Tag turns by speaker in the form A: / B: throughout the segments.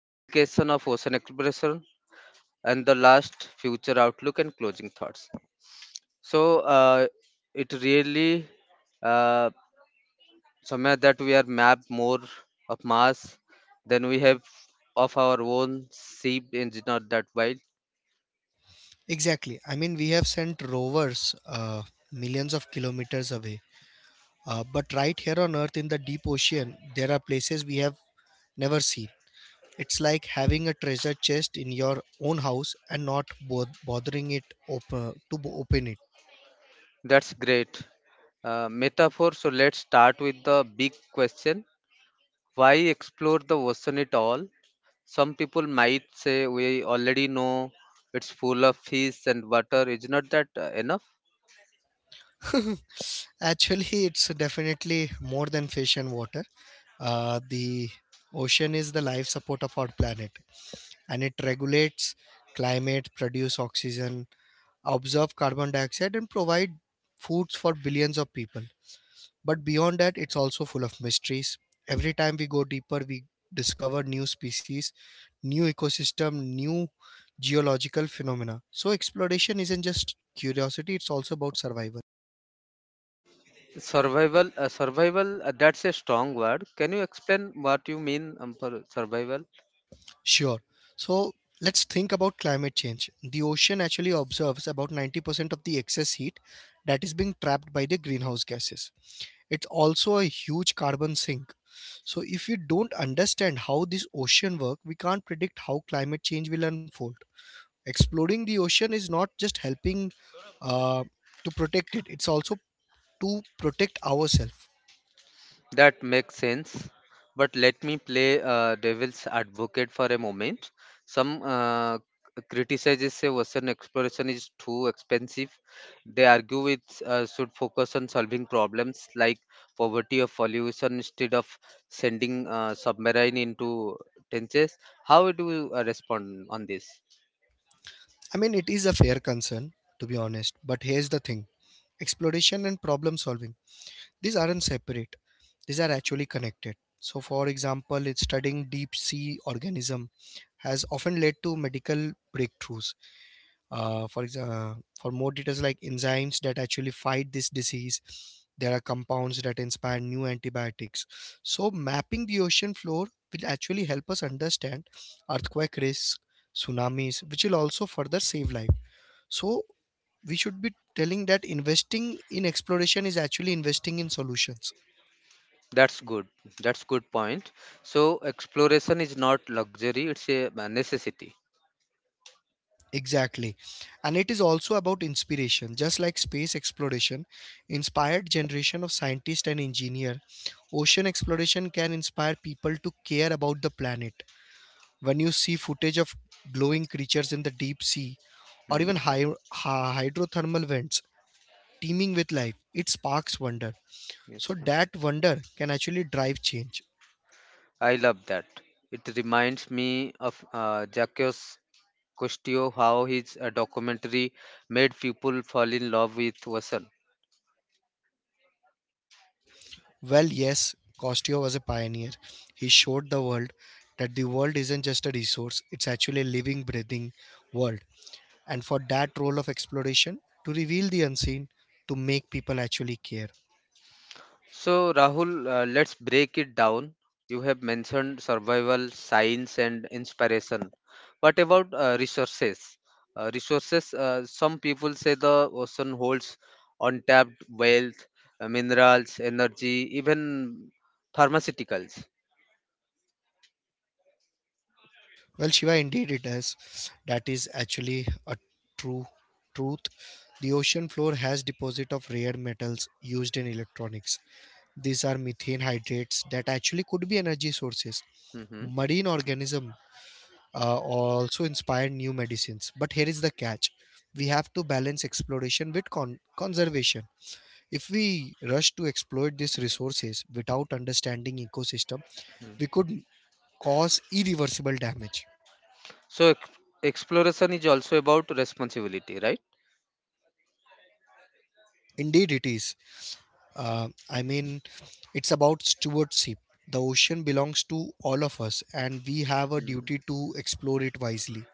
A: implication of ocean exploration. And the last, future outlook and closing thoughts. So it really. Uh, Somewhere that we are mapped more of Mars than we have of our own sea engine or that wild.
B: Exactly. I mean, we have sent rovers millions of kilometers away. But right here on Earth in the deep ocean, there are places we have never seen. It's like having a treasure chest in your own house and not bothering it open it.
A: That's great. Metaphor. So let's start with the big question. Why explore the ocean at all? Some people might say we already know it's full of fish and water. Is not that enough?
B: Actually, it's definitely more than fish and water. The ocean is the life support of our planet, and it regulates climate, produce oxygen, absorb carbon dioxide, and provide foods for billions of people. But beyond that, it's also full of mysteries. Every time we go deeper, we discover new species, new ecosystem, new geological phenomena. So exploration isn't just curiosity, it's also about survival.
A: Survival, survival, that's a strong word. Can you explain what you mean for survival?
B: Sure. So let's think about climate change. The ocean actually observes about 90% of the excess heat that is being trapped by the greenhouse gases. It's also a huge carbon sink. So if we don't understand how this ocean work, we can't predict how climate change will unfold. Exploring the ocean is not just helping uh, to protect it, it's also to protect ourselves.
A: That makes sense. But let me play devil's advocate for a moment. Some criticizes say Western exploration is too expensive. They argue it should focus on solving problems like poverty or pollution instead of sending submarine into trenches. How do you respond on this?
B: I mean, it is a fair concern, to be honest. But here's the thing, exploration and problem solving, these aren't separate, these are actually connected. So, for example, it's studying deep sea organism has often led to medical breakthroughs. For example, for more details like enzymes that actually fight this disease, there are compounds that inspire new antibiotics. So, mapping the ocean floor will actually help us understand earthquake risks, tsunamis, which will also further save life. So, we should be telling that investing in exploration is actually investing in solutions,
A: That's good. That's good point. So exploration is not luxury; it's a necessity.
B: exactly, and it is also about inspiration. Just like space exploration inspired generation of scientists and engineer, ocean exploration can inspire people to care about the planet. When you see footage of glowing creatures in the deep sea or
A: Hmm.
B: even hydrothermal vents teeming with life, it sparks wonder, so
A: Yes.
B: that wonder can actually drive change.
A: I love that. It reminds me of Jacques Cousteau, how his documentary made people fall in love with Vasan.
B: Well, yes, Costello was a pioneer. He showed the world that the world isn't just a resource, it's actually a living, breathing world. And for that role of exploration, to reveal the unseen, to make people actually care.
A: So, Rahul, let's break it down. You have mentioned survival, science, and inspiration. What about resources? Resources, some people say the ocean holds untapped wealth, minerals, energy, even pharmaceuticals.
B: Well, Shiva, indeed it is. That is actually a true truth. The ocean floor has deposit of rare metals used in electronics. These are methane hydrates that actually could be energy sources.
A: Mm-hmm.
B: Marine organism also inspired new medicines. But here is the catch, we have to balance exploration with conservation. If we rush to exploit these resources without understanding ecosystem, we could cause irreversible damage.
A: So exploration is also about responsibility, right?
B: Indeed, it is. Uh, I mean, it's about stewardship. The ocean belongs to all of us, and we have a
A: Mm.
B: duty to explore it wisely.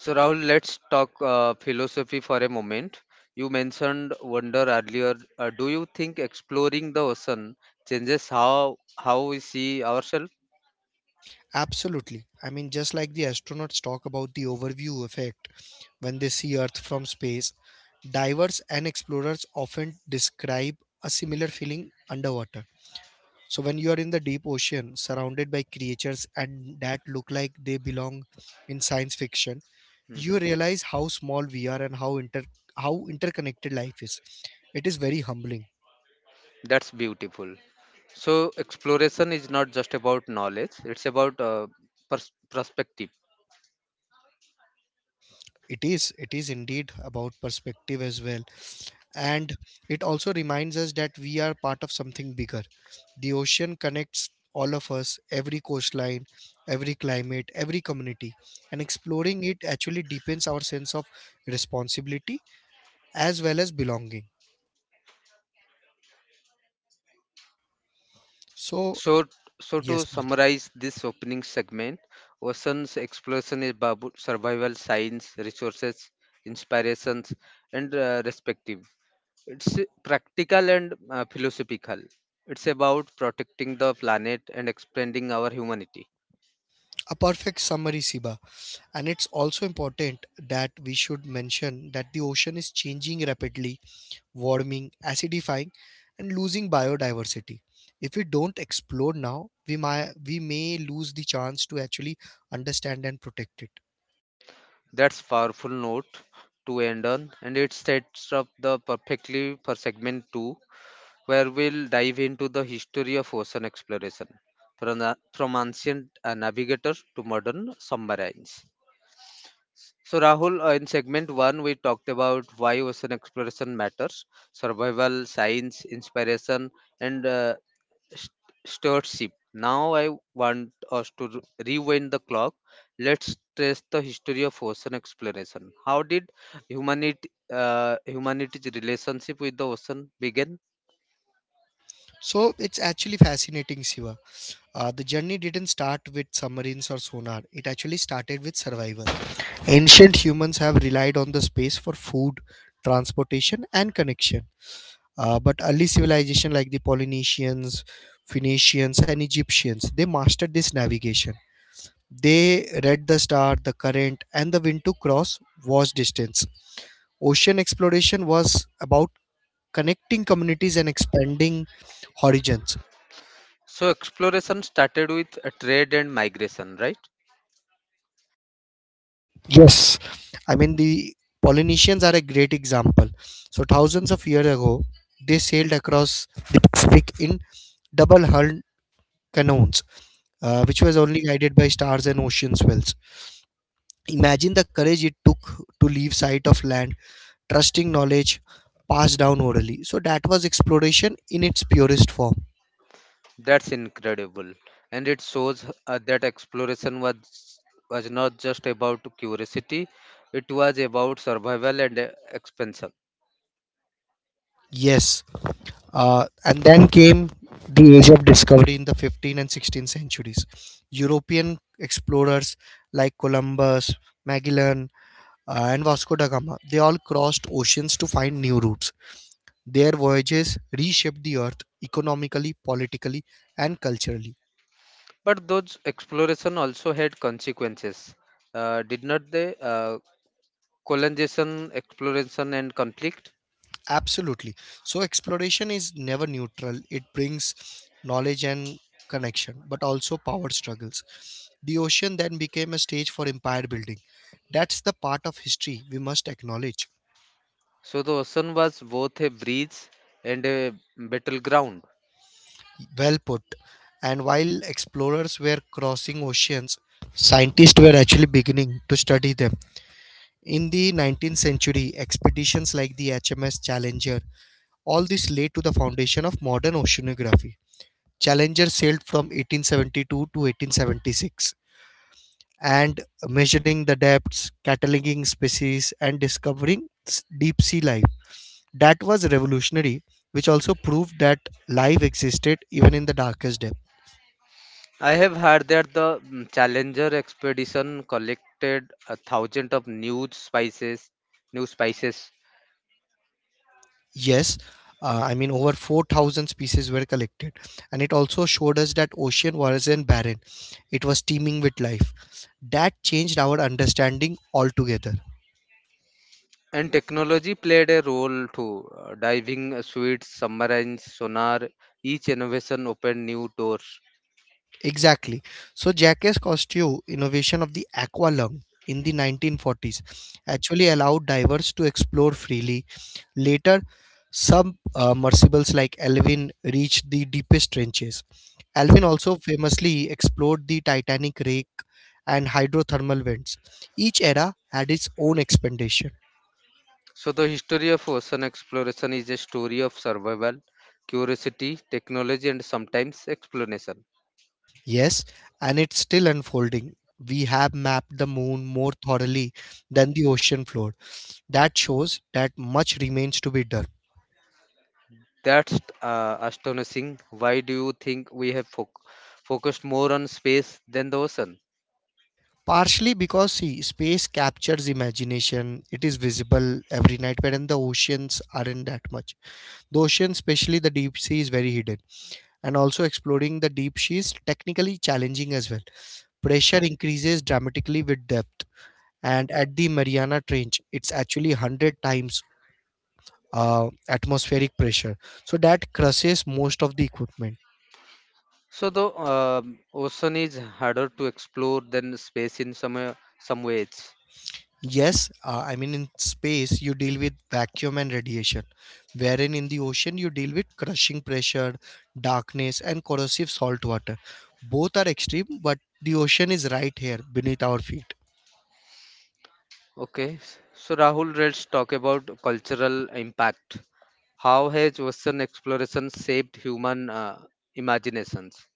A: So Rahul, let's talk philosophy for a moment. You mentioned wonder earlier. Do you think exploring the ocean changes how we see ourselves?
B: Absolutely. I mean, just like the astronauts talk about the overview effect when they see Earth from space. Divers and explorers often describe a similar feeling underwater. So, when you are in the deep ocean, surrounded by creatures and that look like they belong in science fiction, you
A: Mhm.
B: realize how small we are and how interconnected life is. It is very humbling.
A: That's beautiful. So exploration is not just about knowledge; it's about perspective.
B: It is indeed about perspective as well. And it also reminds us that we are part of something bigger. The ocean connects all of us, every coastline, every climate, every community. And exploring it actually deepens our sense of responsibility as well as belonging. So,
A: So, so to
B: yes, please.
A: summarize this opening segment, Ocean's exploration is about survival, science, resources, inspirations, and respective. It's practical and philosophical. It's about protecting the planet and expanding our humanity.
B: A perfect summary, Siba. And it's also important that we should mention that the ocean is changing rapidly, warming, acidifying, and losing biodiversity. If we don't explore now, we may lose the chance to actually understand and protect it.
A: That's powerful note to end on, and it sets up the perfectly for segment two, where we'll dive into the history of ocean exploration from, the, from ancient navigators to modern submarines. So, Rahul, in segment one, we talked about why ocean exploration matters, survival, science, inspiration, and st- stewardship. Now, I want us to rewind the clock. Let's trace the history of ocean exploration. How did humanity's relationship with the ocean begin?
B: So it's actually fascinating, Siva. The journey didn't start with submarines or sonar. It actually started with survival. Ancient humans have relied on the space for food, transportation, and connection. But early civilization like the Polynesians, Phoenicians, and Egyptians, they mastered this navigation. They read the star, the current, and the wind to cross vast distance. Ocean exploration was about connecting communities and expanding horizons.
A: So exploration started with a trade and migration, right?
B: Yes, I mean the Polynesians are a great example. So thousands of years ago, they sailed across the Pacific in double-hulled canoes, which was only guided by stars and ocean swells. Imagine the courage it took to leave sight of land, trusting knowledge passed down orally. So that was exploration in its purest form.
A: That's incredible, and it shows that exploration was not just about curiosity; it was about survival and expansion.
B: Yes, and then came the age of discovery in the 15th and 16th centuries. European explorers like Columbus, Magellan, and Vasco da Gama, they all crossed oceans to find new routes. Their voyages reshaped the earth economically, politically, and culturally.
A: But those exploration also had consequences, did not they? Colonization, exploration, and conflict.
B: Absolutely. So exploration is never neutral. It brings knowledge and connection, but also power struggles. The ocean then became a stage for empire building. That's the part of history we must acknowledge.
A: So the ocean was both a bridge and a battleground.
B: Well put. And while explorers were crossing oceans, scientists were actually beginning to study them. In the 19th century, expeditions like the HMS Challenger, all this laid to the foundation of modern oceanography. Challenger sailed from 1872 to 1876 and measuring the depths, cataloging species, and discovering deep sea life. That was revolutionary, which also proved that life existed even in the darkest depth.
A: I have heard that the Challenger expedition collected a thousand of new spices,
B: Yes, over 4,000 species were collected, and it also showed us that ocean wasn't barren, it was teeming with life. That changed our understanding altogether.
A: and technology played a role too. Diving suites, submarines, sonar, each innovation opened new doors.
B: Exactly. So Jacques Cousteau innovation of the aqua lung in the 1940s actually allowed divers to explore freely. Later, submersibles like Alvin reached the deepest trenches. Alvin also famously explored the Titanic wreck and hydrothermal vents. Each era had its own expedition.
A: So the history of ocean exploration is a story of survival, curiosity, technology, and sometimes explanation.
B: Yes, and it's still unfolding. We have mapped the moon more thoroughly than the ocean floor. That shows that much remains to be done.
A: That's astonishing. Why do you think we have focused more on space than the ocean?
B: Partially because, see, space captures imagination. It is visible every night, wherein the oceans aren't that much. The ocean, especially the deep sea, is very hidden. And also, exploring the deep sea is technically challenging as well. Pressure increases dramatically with depth. And at the Mariana Trench, it's actually 100 times atmospheric pressure. So that crushes most of the equipment.
A: So the ocean is harder to explore than space in some ways.
B: Yes, in space, you deal with vacuum and radiation, wherein in the ocean, you deal with crushing pressure, darkness, and corrosive salt water. Both are extreme, but the ocean is right here beneath our feet.
A: Okay. So Rahul, let's talk about cultural impact. How has ocean exploration shaped human imaginations?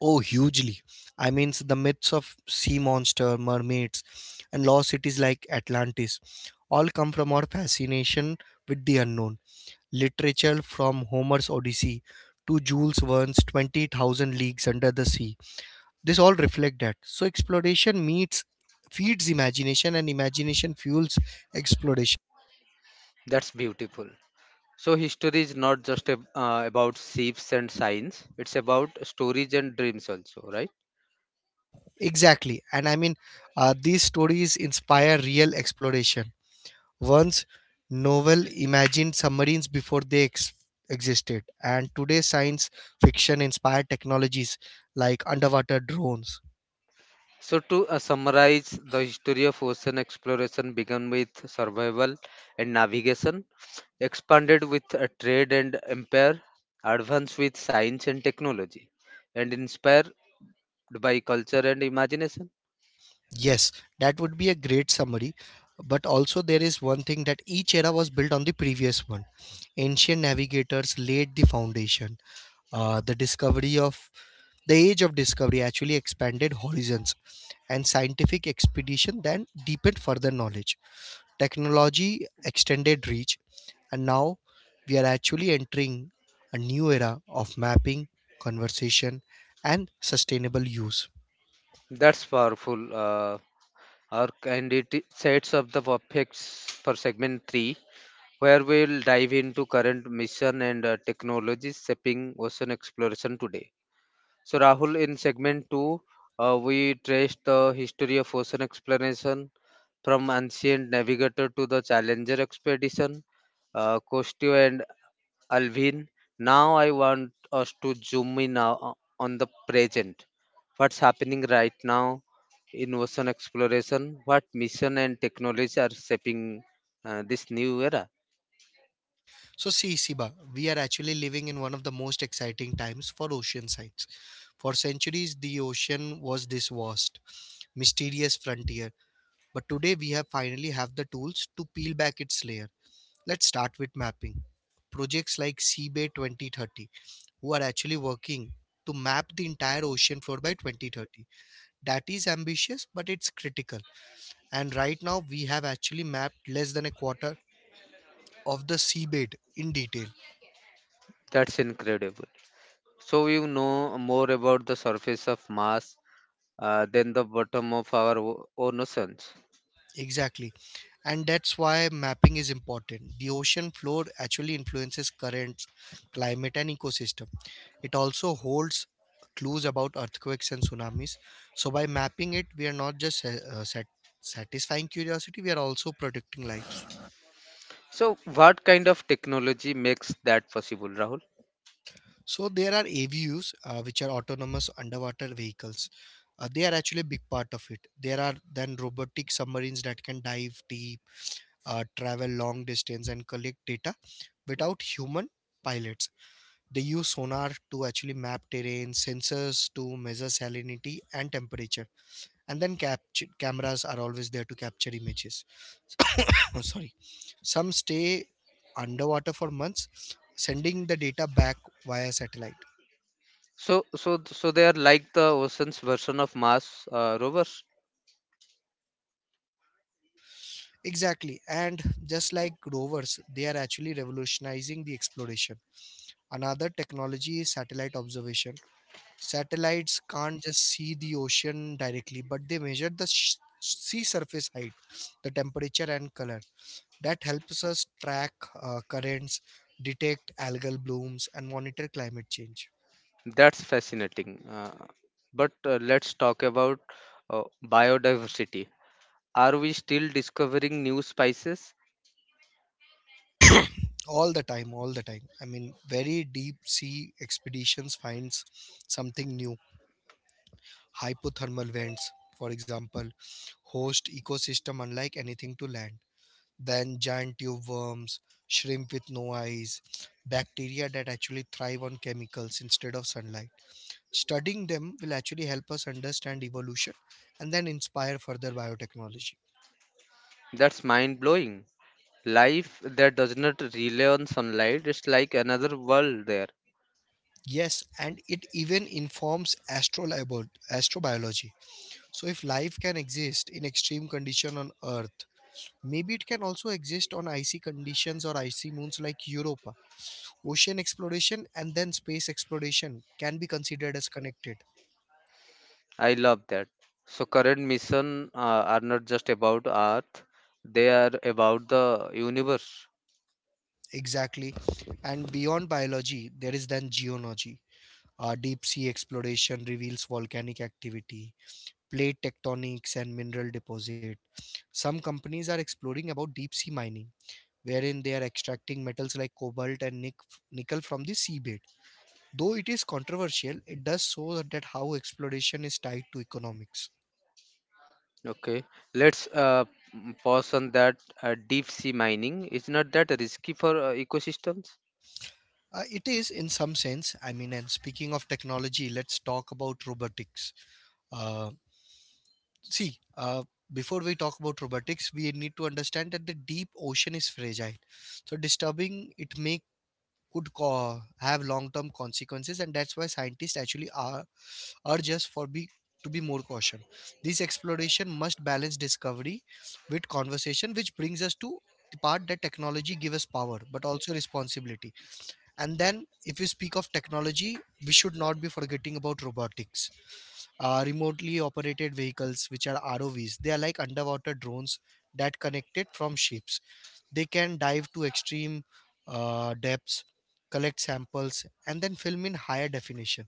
B: Oh, hugely. I mean, s- the myths of sea monster, mermaids, and lost cities like Atlantis all come from our fascination with the unknown. Literature from Homer's Odyssey to Jules Verne's 20,000 Leagues Under the Sea, this all reflect that. So exploration meets feeds imagination, and imagination fuels exploration,
A: That's beautiful. So history is not just about ships and science. It's about stories and dreams also, right?
B: exactly. and I mean These stories inspire real exploration. Once novel imagined submarines before they existed, and today science fiction inspired technologies like underwater drones.
A: So to summarize, the history of ocean exploration began with survival and navigation expanded with a trade and empire, advanced with science and technology, and inspired by culture and imagination.
B: Yes, that would be a great summary, but also there is one thing that each era was built on the previous one. Ancient navigators laid the foundation. Uh, the discovery of the age of discovery actually expanded horizons, and scientific expedition then deepened further knowledge. Technology extended reach, and now we are actually entering a new era of mapping, conversation, and sustainable use.
A: That's powerful. Arc and it sets up the perfects for segment 3 where we'll dive into current mission and technologies shaping ocean exploration today. So, Rahul, in segment two, we traced the history of ocean exploration from ancient navigator to the Challenger expedition, Cousteau and Alvin. Now, I want us to zoom in now on the present. What's happening right now in ocean exploration? What mission and technology are shaping this new era?
B: So, see, Siba, we are actually living in one of the most exciting times for ocean science. For centuries, the ocean was this vast, mysterious frontier. But today we have finally have the tools to peel back its layer. Let's start with mapping. Projects like Seabay 2030, who are actually working to map the entire ocean floor by 2030. That is ambitious, but it's critical. And right now, we have actually mapped less than a quarter of the seabed in detail.
A: That's incredible. So you know more about the surface of Mars than the bottom of our own oceans.
B: Exactly. And that's why mapping is important. The ocean floor actually influences currents, climate, and ecosystem. It also holds clues about earthquakes and tsunamis. So by mapping it, we are not just satisfying curiosity, we are also protecting lives.
A: So what kind of technology makes that possible, Rahul?
B: So there are AVUs, which are autonomous underwater vehicles. They are actually a big part of it. There are then robotic submarines that can dive deep, travel long distance and collect data without human pilots. They use sonar to actually map terrain, sensors to measure salinity and temperature, and then capture cameras are always there to capture images. Sorry, some stay underwater for months, sending the data back via satellite.
A: So they are like the oceans version of Mars rovers.
B: Exactly, and just like rovers, they are actually revolutionizing the exploration. Another technology is satellite observation. Satellites can't just see the ocean directly, but they measure the sea surface height, the temperature, and color. That helps us track currents, detect algal blooms, and monitor climate change
A: That's fascinating. But let's talk about biodiversity. Are we still discovering new species?
B: all the time. All the time, I mean, very deep sea expeditions finds something new. Hypothermal vents, for example, host ecosystem unlike anything to land. Then giant tube worms, shrimp with no eyes, bacteria that actually thrive on chemicals instead of sunlight. Studying them will actually help us understand evolution and then inspire further biotechnology.
A: That's mind blowing. Life that does not rely on sunlight, it's like another world there.
B: Yes, and it even informs astrobiology. So if life can exist in extreme condition on Earth, maybe it can also exist on icy conditions or icy moons like Europa. Ocean exploration and then space exploration can be considered as connected.
A: I love that. So current mission are not just about Earth; they are about the universe.
B: Exactly. And beyond biology, there is then geology. Deep sea exploration reveals volcanic activity, plate tectonics, and mineral deposit. Some companies are exploring about deep sea mining, wherein they are extracting metals like cobalt and nickel from the seabed. Though it is controversial, it does show that how exploration is tied to economics.
A: Okay, let's pause on that. Deep sea mining is not that risky for ecosystems.
B: It is in some sense. I mean, and speaking of technology, let's talk about robotics. Uh, see Before we talk about robotics, we need to understand that the deep ocean is fragile, so disturbing it have long term consequences, and that's why scientists actually are urge us for be to be more caution. This exploration must balance discovery with conversation, which brings us to the part that technology gives us power but also responsibility. And then, if you speak of technology, we should not be forgetting about robotics. Remotely operated vehicles, which are ROVs, they are like underwater drones that connected from ships. They can dive to extreme depths, collect samples, and then film in higher definition.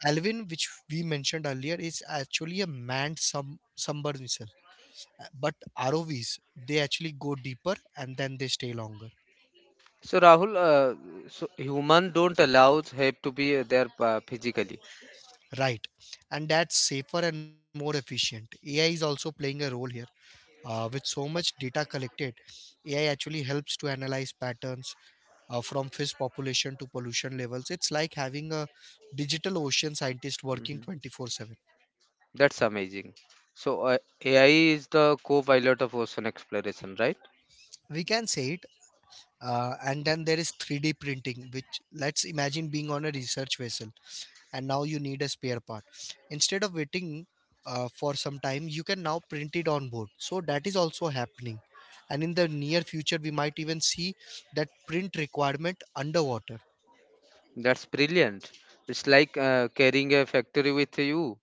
B: Alvin, which we mentioned earlier, is actually a manned submersible. But ROVs, they actually go deeper and then they stay longer.
A: So Rahul, so human don't allow have to be there physically.
B: Right. And that's safer and more efficient. AI is also playing a role here. With so much data collected, AI actually helps to analyze patterns from fish population to pollution levels. It's like having a digital ocean scientist working
A: Mhm.
B: 24/7.
A: That's amazing. So AI is the co-pilot of ocean exploration, right?
B: We can say it. And then there is 3D printing, which, let's imagine being on a research vessel and now you need a spare part. Instead of waiting for some time, you can now print it on board, so that is also happening. And in the near future, we might even see that print requirement underwater.
A: That's brilliant. It's like carrying a factory with you.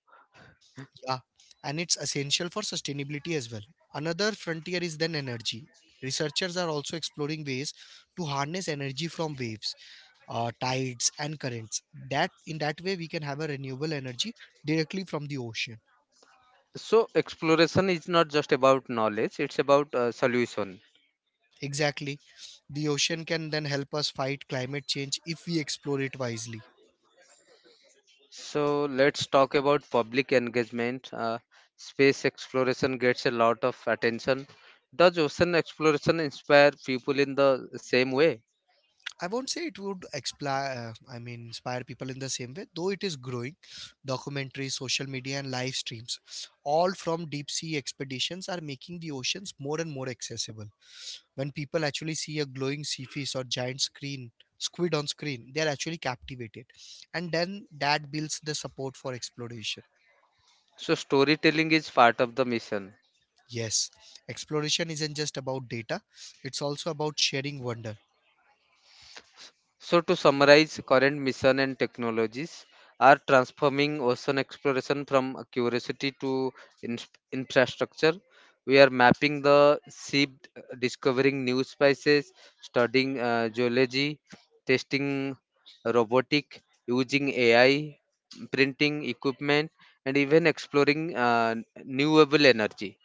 B: Yeah, and it's essential for sustainability as well. Another frontier is then energy. Researchers are also exploring ways to harness energy from waves, tides and currents, that in that way we can have a renewable energy directly from the ocean.
A: So exploration is not just about knowledge, it's about solution.
B: Exactly. The ocean can then help us fight climate change if we explore it wisely.
A: So let's talk about public engagement. Space exploration gets a lot of attention. Does ocean exploration inspire people in the same way?
B: I won't say it would I mean inspire people in the same way, though it is growing. Documentaries, social media, and live streams, all from deep sea expeditions, are making the oceans more and more accessible. When people actually see a glowing sea fish or giant screen squid on screen, they are actually captivated, and then that builds the support for exploration.
A: So storytelling is part of the mission.
B: Yes, exploration isn't just about data, it's also about sharing wonder.
A: So, to summarize, current mission and technologies are transforming ocean exploration from a curiosity to infrastructure. We are mapping the sea, discovering new species, studying geology, testing robotic, using AI, printing equipment, and even exploring renewable energy.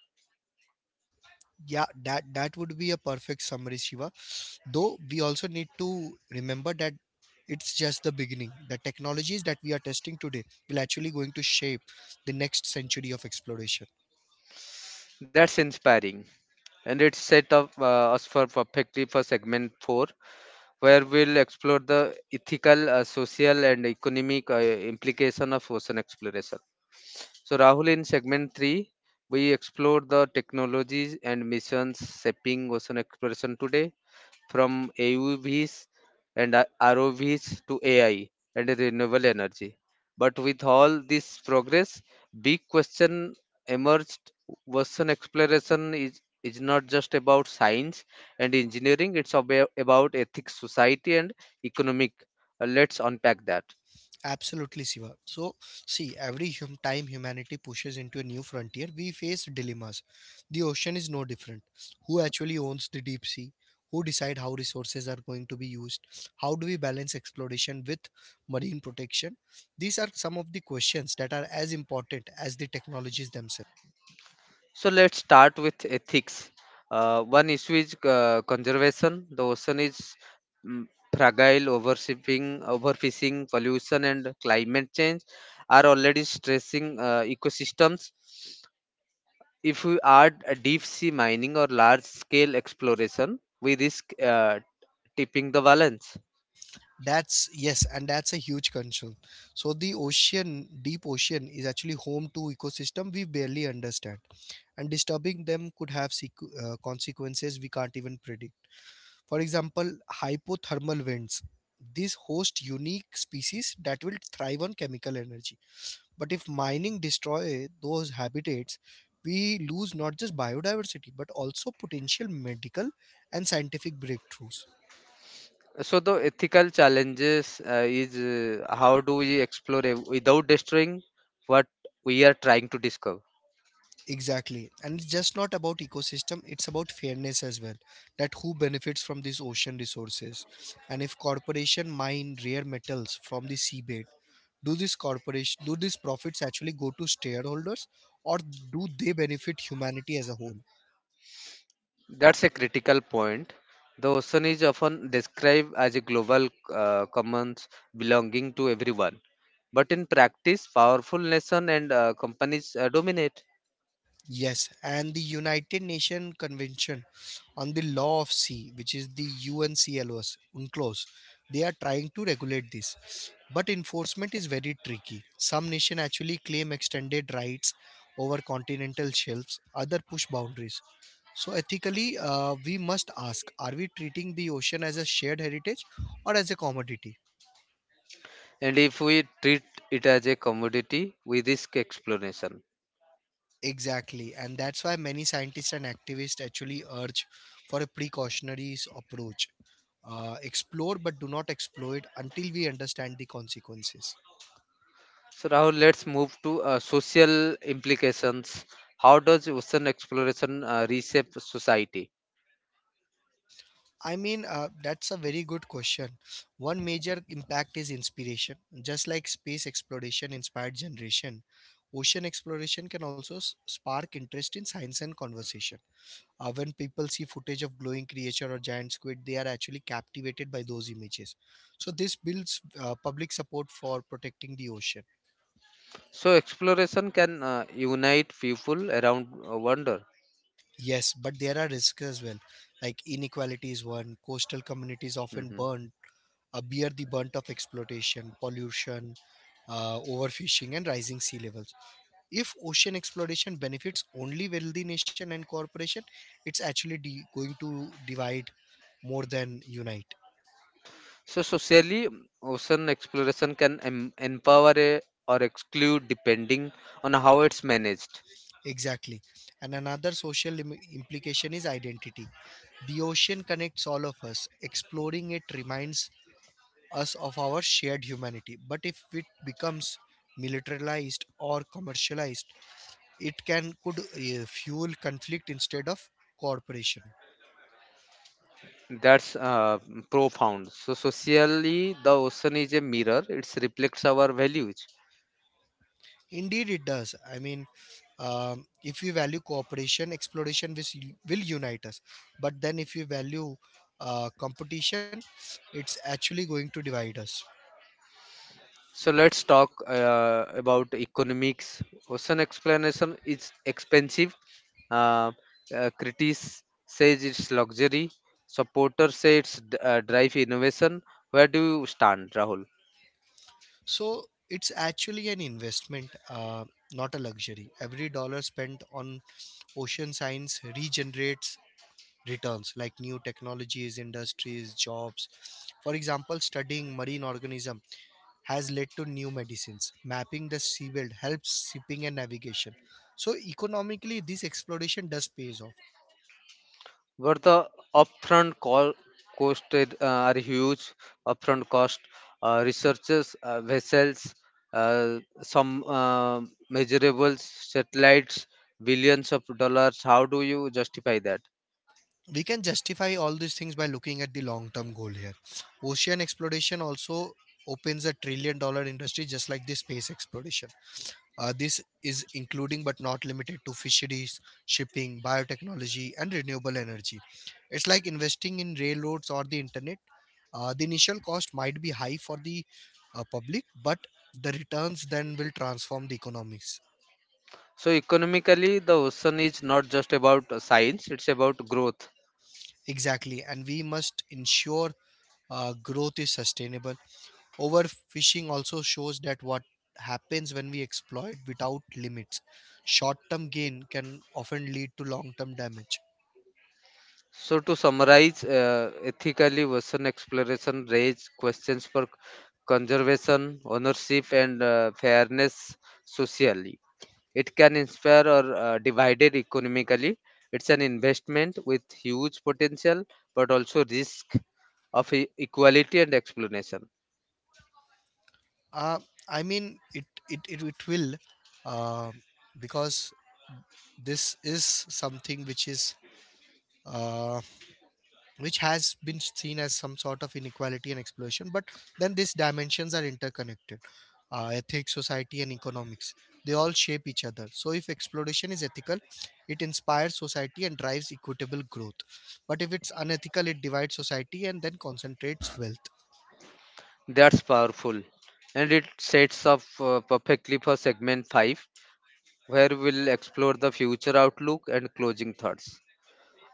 B: Yeah, that would be a perfect summary, Shiva. Though we also need to remember that it's just the beginning. The technologies that we are testing today will actually going to shape the next century of exploration.
A: That's inspiring, and it's set up us for perfectly for segment four where we'll explore the ethical, social, and economic implication of ocean exploration. So, Rahul, in segment three, we explore the technologies and missions shaping ocean exploration today from AUVs and ROVs to AI and renewable energy. But with all this progress, big question emerged. Western exploration is not just about science and engineering, it's about ethics, society, and economic. Let's unpack that.
B: Absolutely, Siva. So, see, every time humanity pushes into a new frontier, we face dilemmas. The ocean is no different. Who actually owns the deep sea? Who decide how resources are going to be used? How do we balance exploration with marine protection? These are some of the questions that are as important as the technologies themselves.
A: So let's start with ethics. One issue is conservation. The ocean is mm, fragile, overshipping, overfishing, pollution, and climate change are already stressing ecosystems. If we add a deep sea mining or large scale exploration, we risk tipping the balance.
B: That's yes, and that's a huge concern. So the ocean, deep ocean, is actually home to ecosystem we barely understand, and disturbing them could have consequences we can't even predict. For example, hypothermal vents. These host unique species that will thrive on chemical energy. But if mining destroy those habitats, we lose not just biodiversity but also potential medical and scientific breakthroughs.
A: So the ethical challenges is how do we explore it without destroying what we are trying to discover?
B: Exactly. And it's just not about ecosystem, it's about fairness as well. That who benefits from these ocean resources. And if corporation mine rare metals from the seabed, do this corporation do these profits actually go to shareholders or do they benefit humanity as a whole?
A: That's a critical point. The ocean is often described as a global commons belonging to everyone. But in practice, powerful nations and companies dominate.
B: Yes, and the United Nations Convention on the Law of Sea, which is the UNCLOS, they are trying to regulate this. But enforcement is very tricky. Some nations actually claim extended rights over continental shelves, other push boundaries. So ethically, we must ask: are we treating the ocean as a shared heritage or as a commodity?
A: And if we treat it as a commodity, we risk exploration.
B: Exactly, and that's why many scientists and activists actually urge for a approach. Explore but do not exploit until we understand the consequences.
A: So now let's move to social implications. How does ocean exploration reshape society?
B: I mean, that's a very good question. One major impact is inspiration. Just like space exploration inspired generation, ocean exploration can also spark interest in science and conversation. When people see footage of glowing creature or giant squid, they are actually captivated by those images. So this builds public support for protecting the ocean.
A: So exploration can unite people around wonder.
B: Yes, but there are risks as well. Like inequality is one. Coastal communities often
A: Mhm.
B: burn, bear the brunt of exploitation, pollution, overfishing, and rising sea levels. If ocean exploration benefits only wealthy nation and corporation, it's actually going to divide more than unite.
A: So socially, ocean exploration can empower or exclude depending on how it's managed.
B: Exactly. And another social implication is identity. The ocean connects all of us. Exploring it reminds us of our shared humanity. But if it becomes militarized or commercialized, it can could fuel conflict instead of cooperation.
A: That's profound. So socially, the ocean is a mirror. It reflects our values.
B: Indeed, it does. I mean, if we value cooperation, exploration will unite us. But then, if we value competition, it's actually going to divide us.
A: So let's talk about economics. Ocean exploration is expensive. Uh, Critics says it's luxury. Supporters say it's drive innovation. Where do you stand, Rahul?
B: So it's actually an investment, not a luxury. Every dollar spent on ocean science regenerates returns like new technologies, industries, jobs. For example, studying marine organism has led to new medicines. Mapping the seabed helps shipping and navigation. So economically, this exploration does pays off.
A: Where the upfront call costed are huge. Upfront cost, researchers, vessels, some measurables, satellites, billions of dollars. How do you justify that?
B: We can justify all these things by looking at the long-term goal here. Ocean exploration also opens a $1 trillion industry just like the space exploration. This is including but not limited to fisheries, shipping, biotechnology, and renewable energy. It's like investing in railroads or the internet. The initial cost might be high for the public, but the returns then will transform the economies.
A: So economically, the ocean is not just about science; it's about growth.
B: Exactly, and we must ensure growth is sustainable. Overfishing also shows that what happens when we exploit without limits. Short term gain can often lead to long term damage.
A: So to summarize, ethically, ocean exploration raise questions for conservation, ownership, and fairness socially. It can inspire or divided economically. It's an investment with huge potential, but also risk of equality and explanation.
B: Uh, it will uh, because this is something which is uh, which has been seen as some sort of inequality and exploitation. But then these dimensions are interconnected. Ethics, society, and economics. They all shape each other. So, if exploitation is ethical, it inspires society and drives equitable growth. But if it's unethical, it divides society and then concentrates wealth.
A: That's powerful, and it sets up perfectly for segment five, where we'll explore the future outlook and closing thoughts.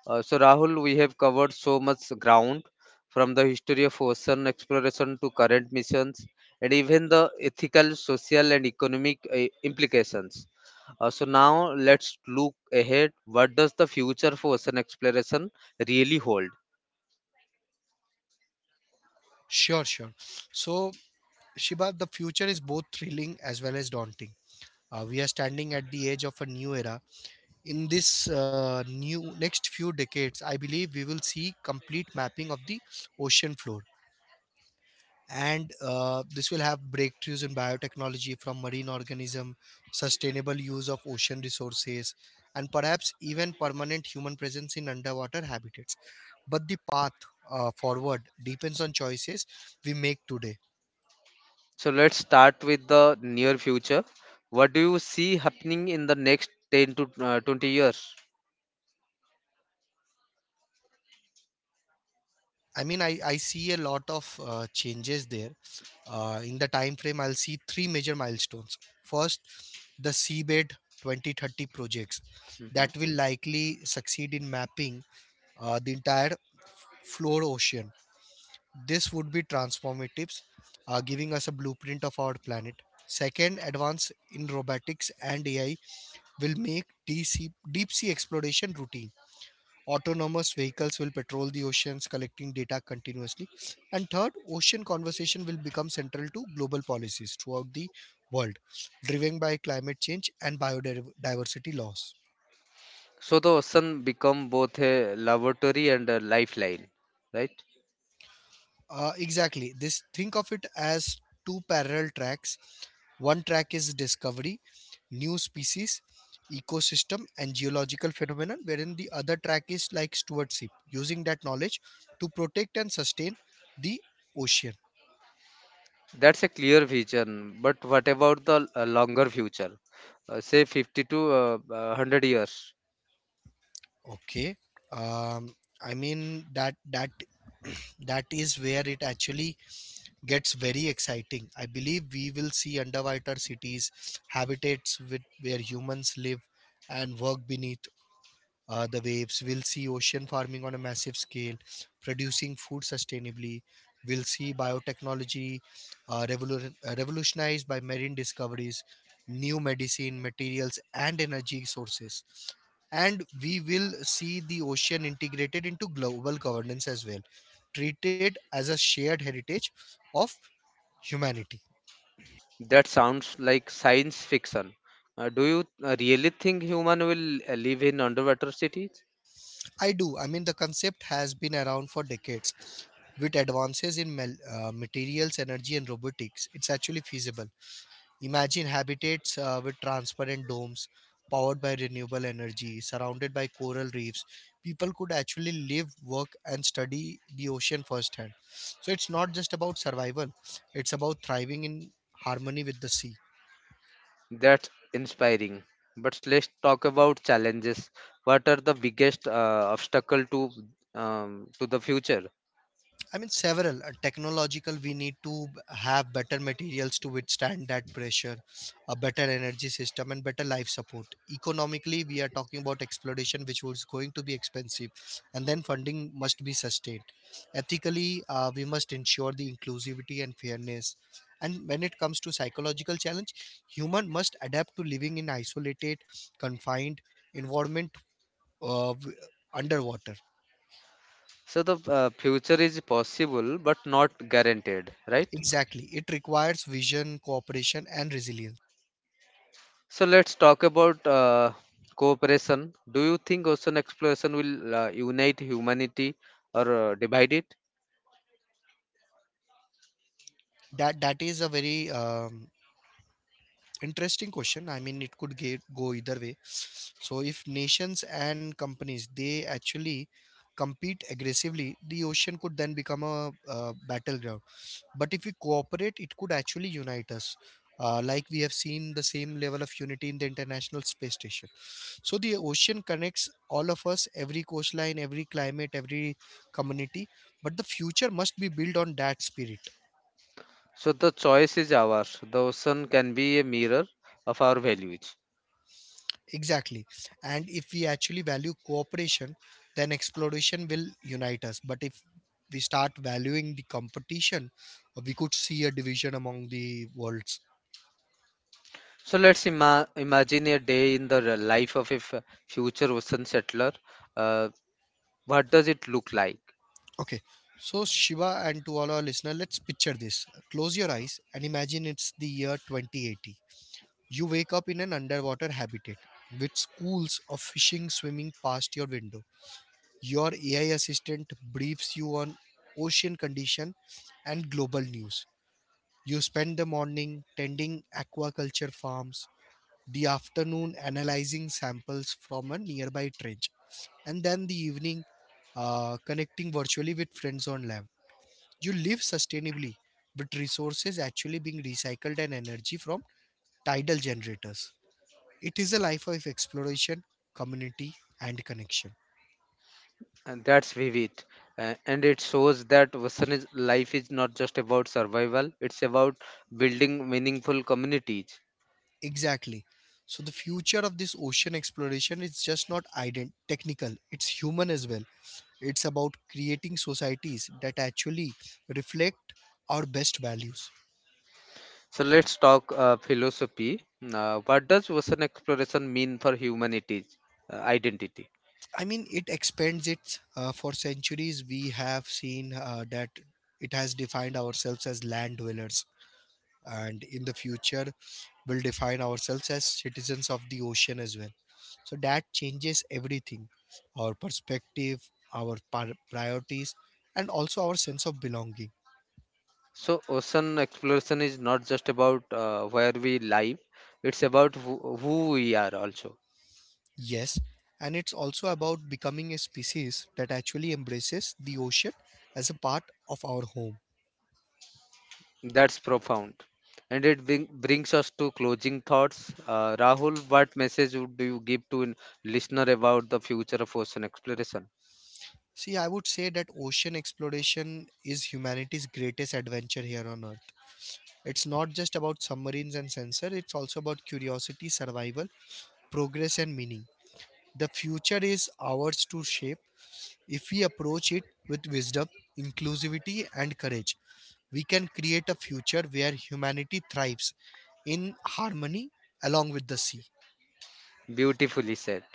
A: So, Rahul, we have covered so much ground from the history of ocean exploration to current missions and even the ethical, social, and economic implications. So, now let's look ahead. What does the future for ocean exploration really hold?
B: Sure, sure. So, Shiba, the future is both thrilling as well as daunting. We are standing at the edge of a new era. In this new next few decades, I believe we will see complete mapping of the ocean floor, and this will have breakthroughs in biotechnology from marine organism, sustainable use of ocean resources, and perhaps even permanent human presence in underwater habitats. But the path forward depends on choices we make today.
A: So, let's start with the near future. What do you see happening in the next 10 to 20 years?
B: I mean, I see a lot of changes there. In the time frame, I'll see three major milestones. First, the seabed 2030 projects that
A: Mhm.
B: will likely succeed in mapping the entire floor ocean. This would be transformative, giving us a blueprint of our planet. Second, advance in robotics and AI will make deep sea exploration routine. Autonomous vehicles will patrol the oceans, collecting data continuously. And third, ocean conversation will become central to global policies throughout the world, driven by climate change and biodiversity laws.
A: So, the ocean become both a laboratory and a lifeline, right?
B: Exactly. This think of it as two parallel tracks. One track is discovery, new species, ecosystem, and geological phenomenon, wherein the other track is like stewardship, using that knowledge to protect and sustain the ocean.
A: That's a clear vision, but what about the longer future? Say 50 to 100 years.
B: Okay. Um, I mean that that that is where it actually gets very exciting. I believe we will see underwater cities, habitats with where humans live and work beneath the waves. We'll see ocean farming on a massive scale, producing food sustainably. We'll see biotechnology revolutionized by marine discoveries, new medicine, materials, and energy sources, and we will see the ocean integrated into global governance as well, treated as a shared heritage of humanity.
A: That sounds like science fiction. Do you really think human will live in underwater cities?
B: I do. I mean, the concept has been around for decades. With advances in materials, energy, and robotics, it's actually feasible. Imagine habitats with transparent domes powered by renewable energy, surrounded by coral reefs. People could actually live, work, and study the ocean firsthand. So it's not just about survival, it's about thriving in harmony with the sea.
A: That's inspiring. But let's talk about challenges. What are the biggest obstacle to to the future?
B: I mean, several technological. We need to have better materials to withstand that pressure, a better energy system, and better life support. Economically, we are talking about exploration, which was going to be expensive, and then funding must be sustained. Ethically, we must ensure the inclusivity and fairness. And when it comes to psychological challenge, human must adapt to living in isolated, confined environment, uh, w- underwater.
A: So the future is possible but not guaranteed, right?
B: Exactly. It requires vision, cooperation, and resilience.
A: So let's talk about cooperation. Do you think ocean exploration will unite humanity or divide it?
B: That is a very interesting question. I mean, it could get, go either way. So, if nations and companies they actually compete aggressively, the ocean could then become a, battleground. But if we cooperate, it could actually unite us, like we have seen the same level of unity in the international space station. So the ocean connects all of us, every coastline, every climate, every community, but the future must be built on that spirit.
A: So the choice is ours. The ocean can be a mirror of our values.
B: Exactly. And if we actually value cooperation, then exploration will unite us, but if we start valuing the competition, we could see a division among the worlds.
A: So let's imagine a day in the life of a future ocean settler. Uh, what does it look like?
B: Okay, so Shiva, and to all our listener, let's picture this. Close your eyes and imagine it's the year 2080. You wake up in an underwater habitat with schools of fishing swimming past your window. Your AI assistant briefs you on ocean condition and global news. You spend the morning tending aquaculture farms, the afternoon analyzing samples from a nearby trench, and then the evening connecting virtually with friends on land. You live sustainably, with resources actually being recycled and energy from tidal generators. It is a life of exploration, community, and connection.
A: And that's vivid. And it shows that ocean is, life is not just about survival, it's about building meaningful communities.
B: Exactly. So, the future of this ocean exploration is just not technical, it's human as well. It's about creating societies that actually reflect our best values.
A: So let's talk philosophy. What does ocean exploration mean for humanity's identity?
B: I mean, it expands it. For centuries, we have seen that it has defined ourselves as land dwellers, and in the future we will define ourselves as citizens of the ocean as well. So that changes everything, our perspective, our priorities, and also our sense of belonging.
A: So ocean exploration is not just about where we live; it's about who we are also.
B: Yes, and it's also about becoming a species that actually embraces the ocean as a part of our home.
A: That's profound, and it brings us to closing thoughts. Rahul, what message would you give to listener about the future of ocean exploration?
B: See, I would say that ocean exploration is humanity's greatest adventure here on earth. It's not just about submarines and sensor, it's also about curiosity, survival, progress, and meaning. The future is ours to shape. If we approach it with wisdom, inclusivity, and courage, we can create a future where humanity thrives in harmony along with the sea.
A: Beautifully said.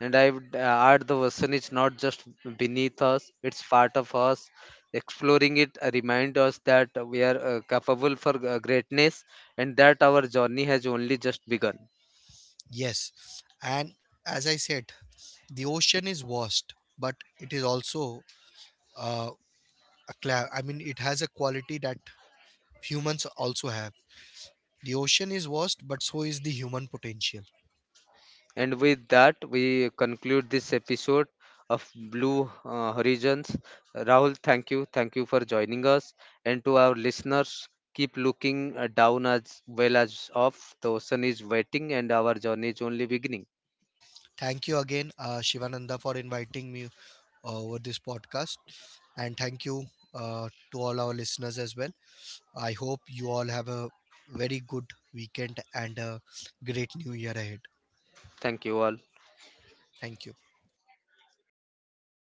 A: And I would add the ocean is not just beneath us, it's part of us. Exploring it reminds us that we are capable for greatness and that our journey has only just begun.
B: Yes, and as I said, the ocean is vast, but it is also uh, I mean, it has a quality that humans also have. The ocean is vast, but so is the human potential.
A: And with that, we conclude this episode of Blue Horizons. Rahul, thank you. Thank you for joining us. And to our listeners, keep looking down as well as up. The ocean is waiting and our journey is only beginning.
B: Thank you again, Shivananda, for inviting me over this podcast. And thank you to all our listeners as well. I hope you all have a very good weekend and a great new year ahead.
A: Thank you all.
B: Thank you.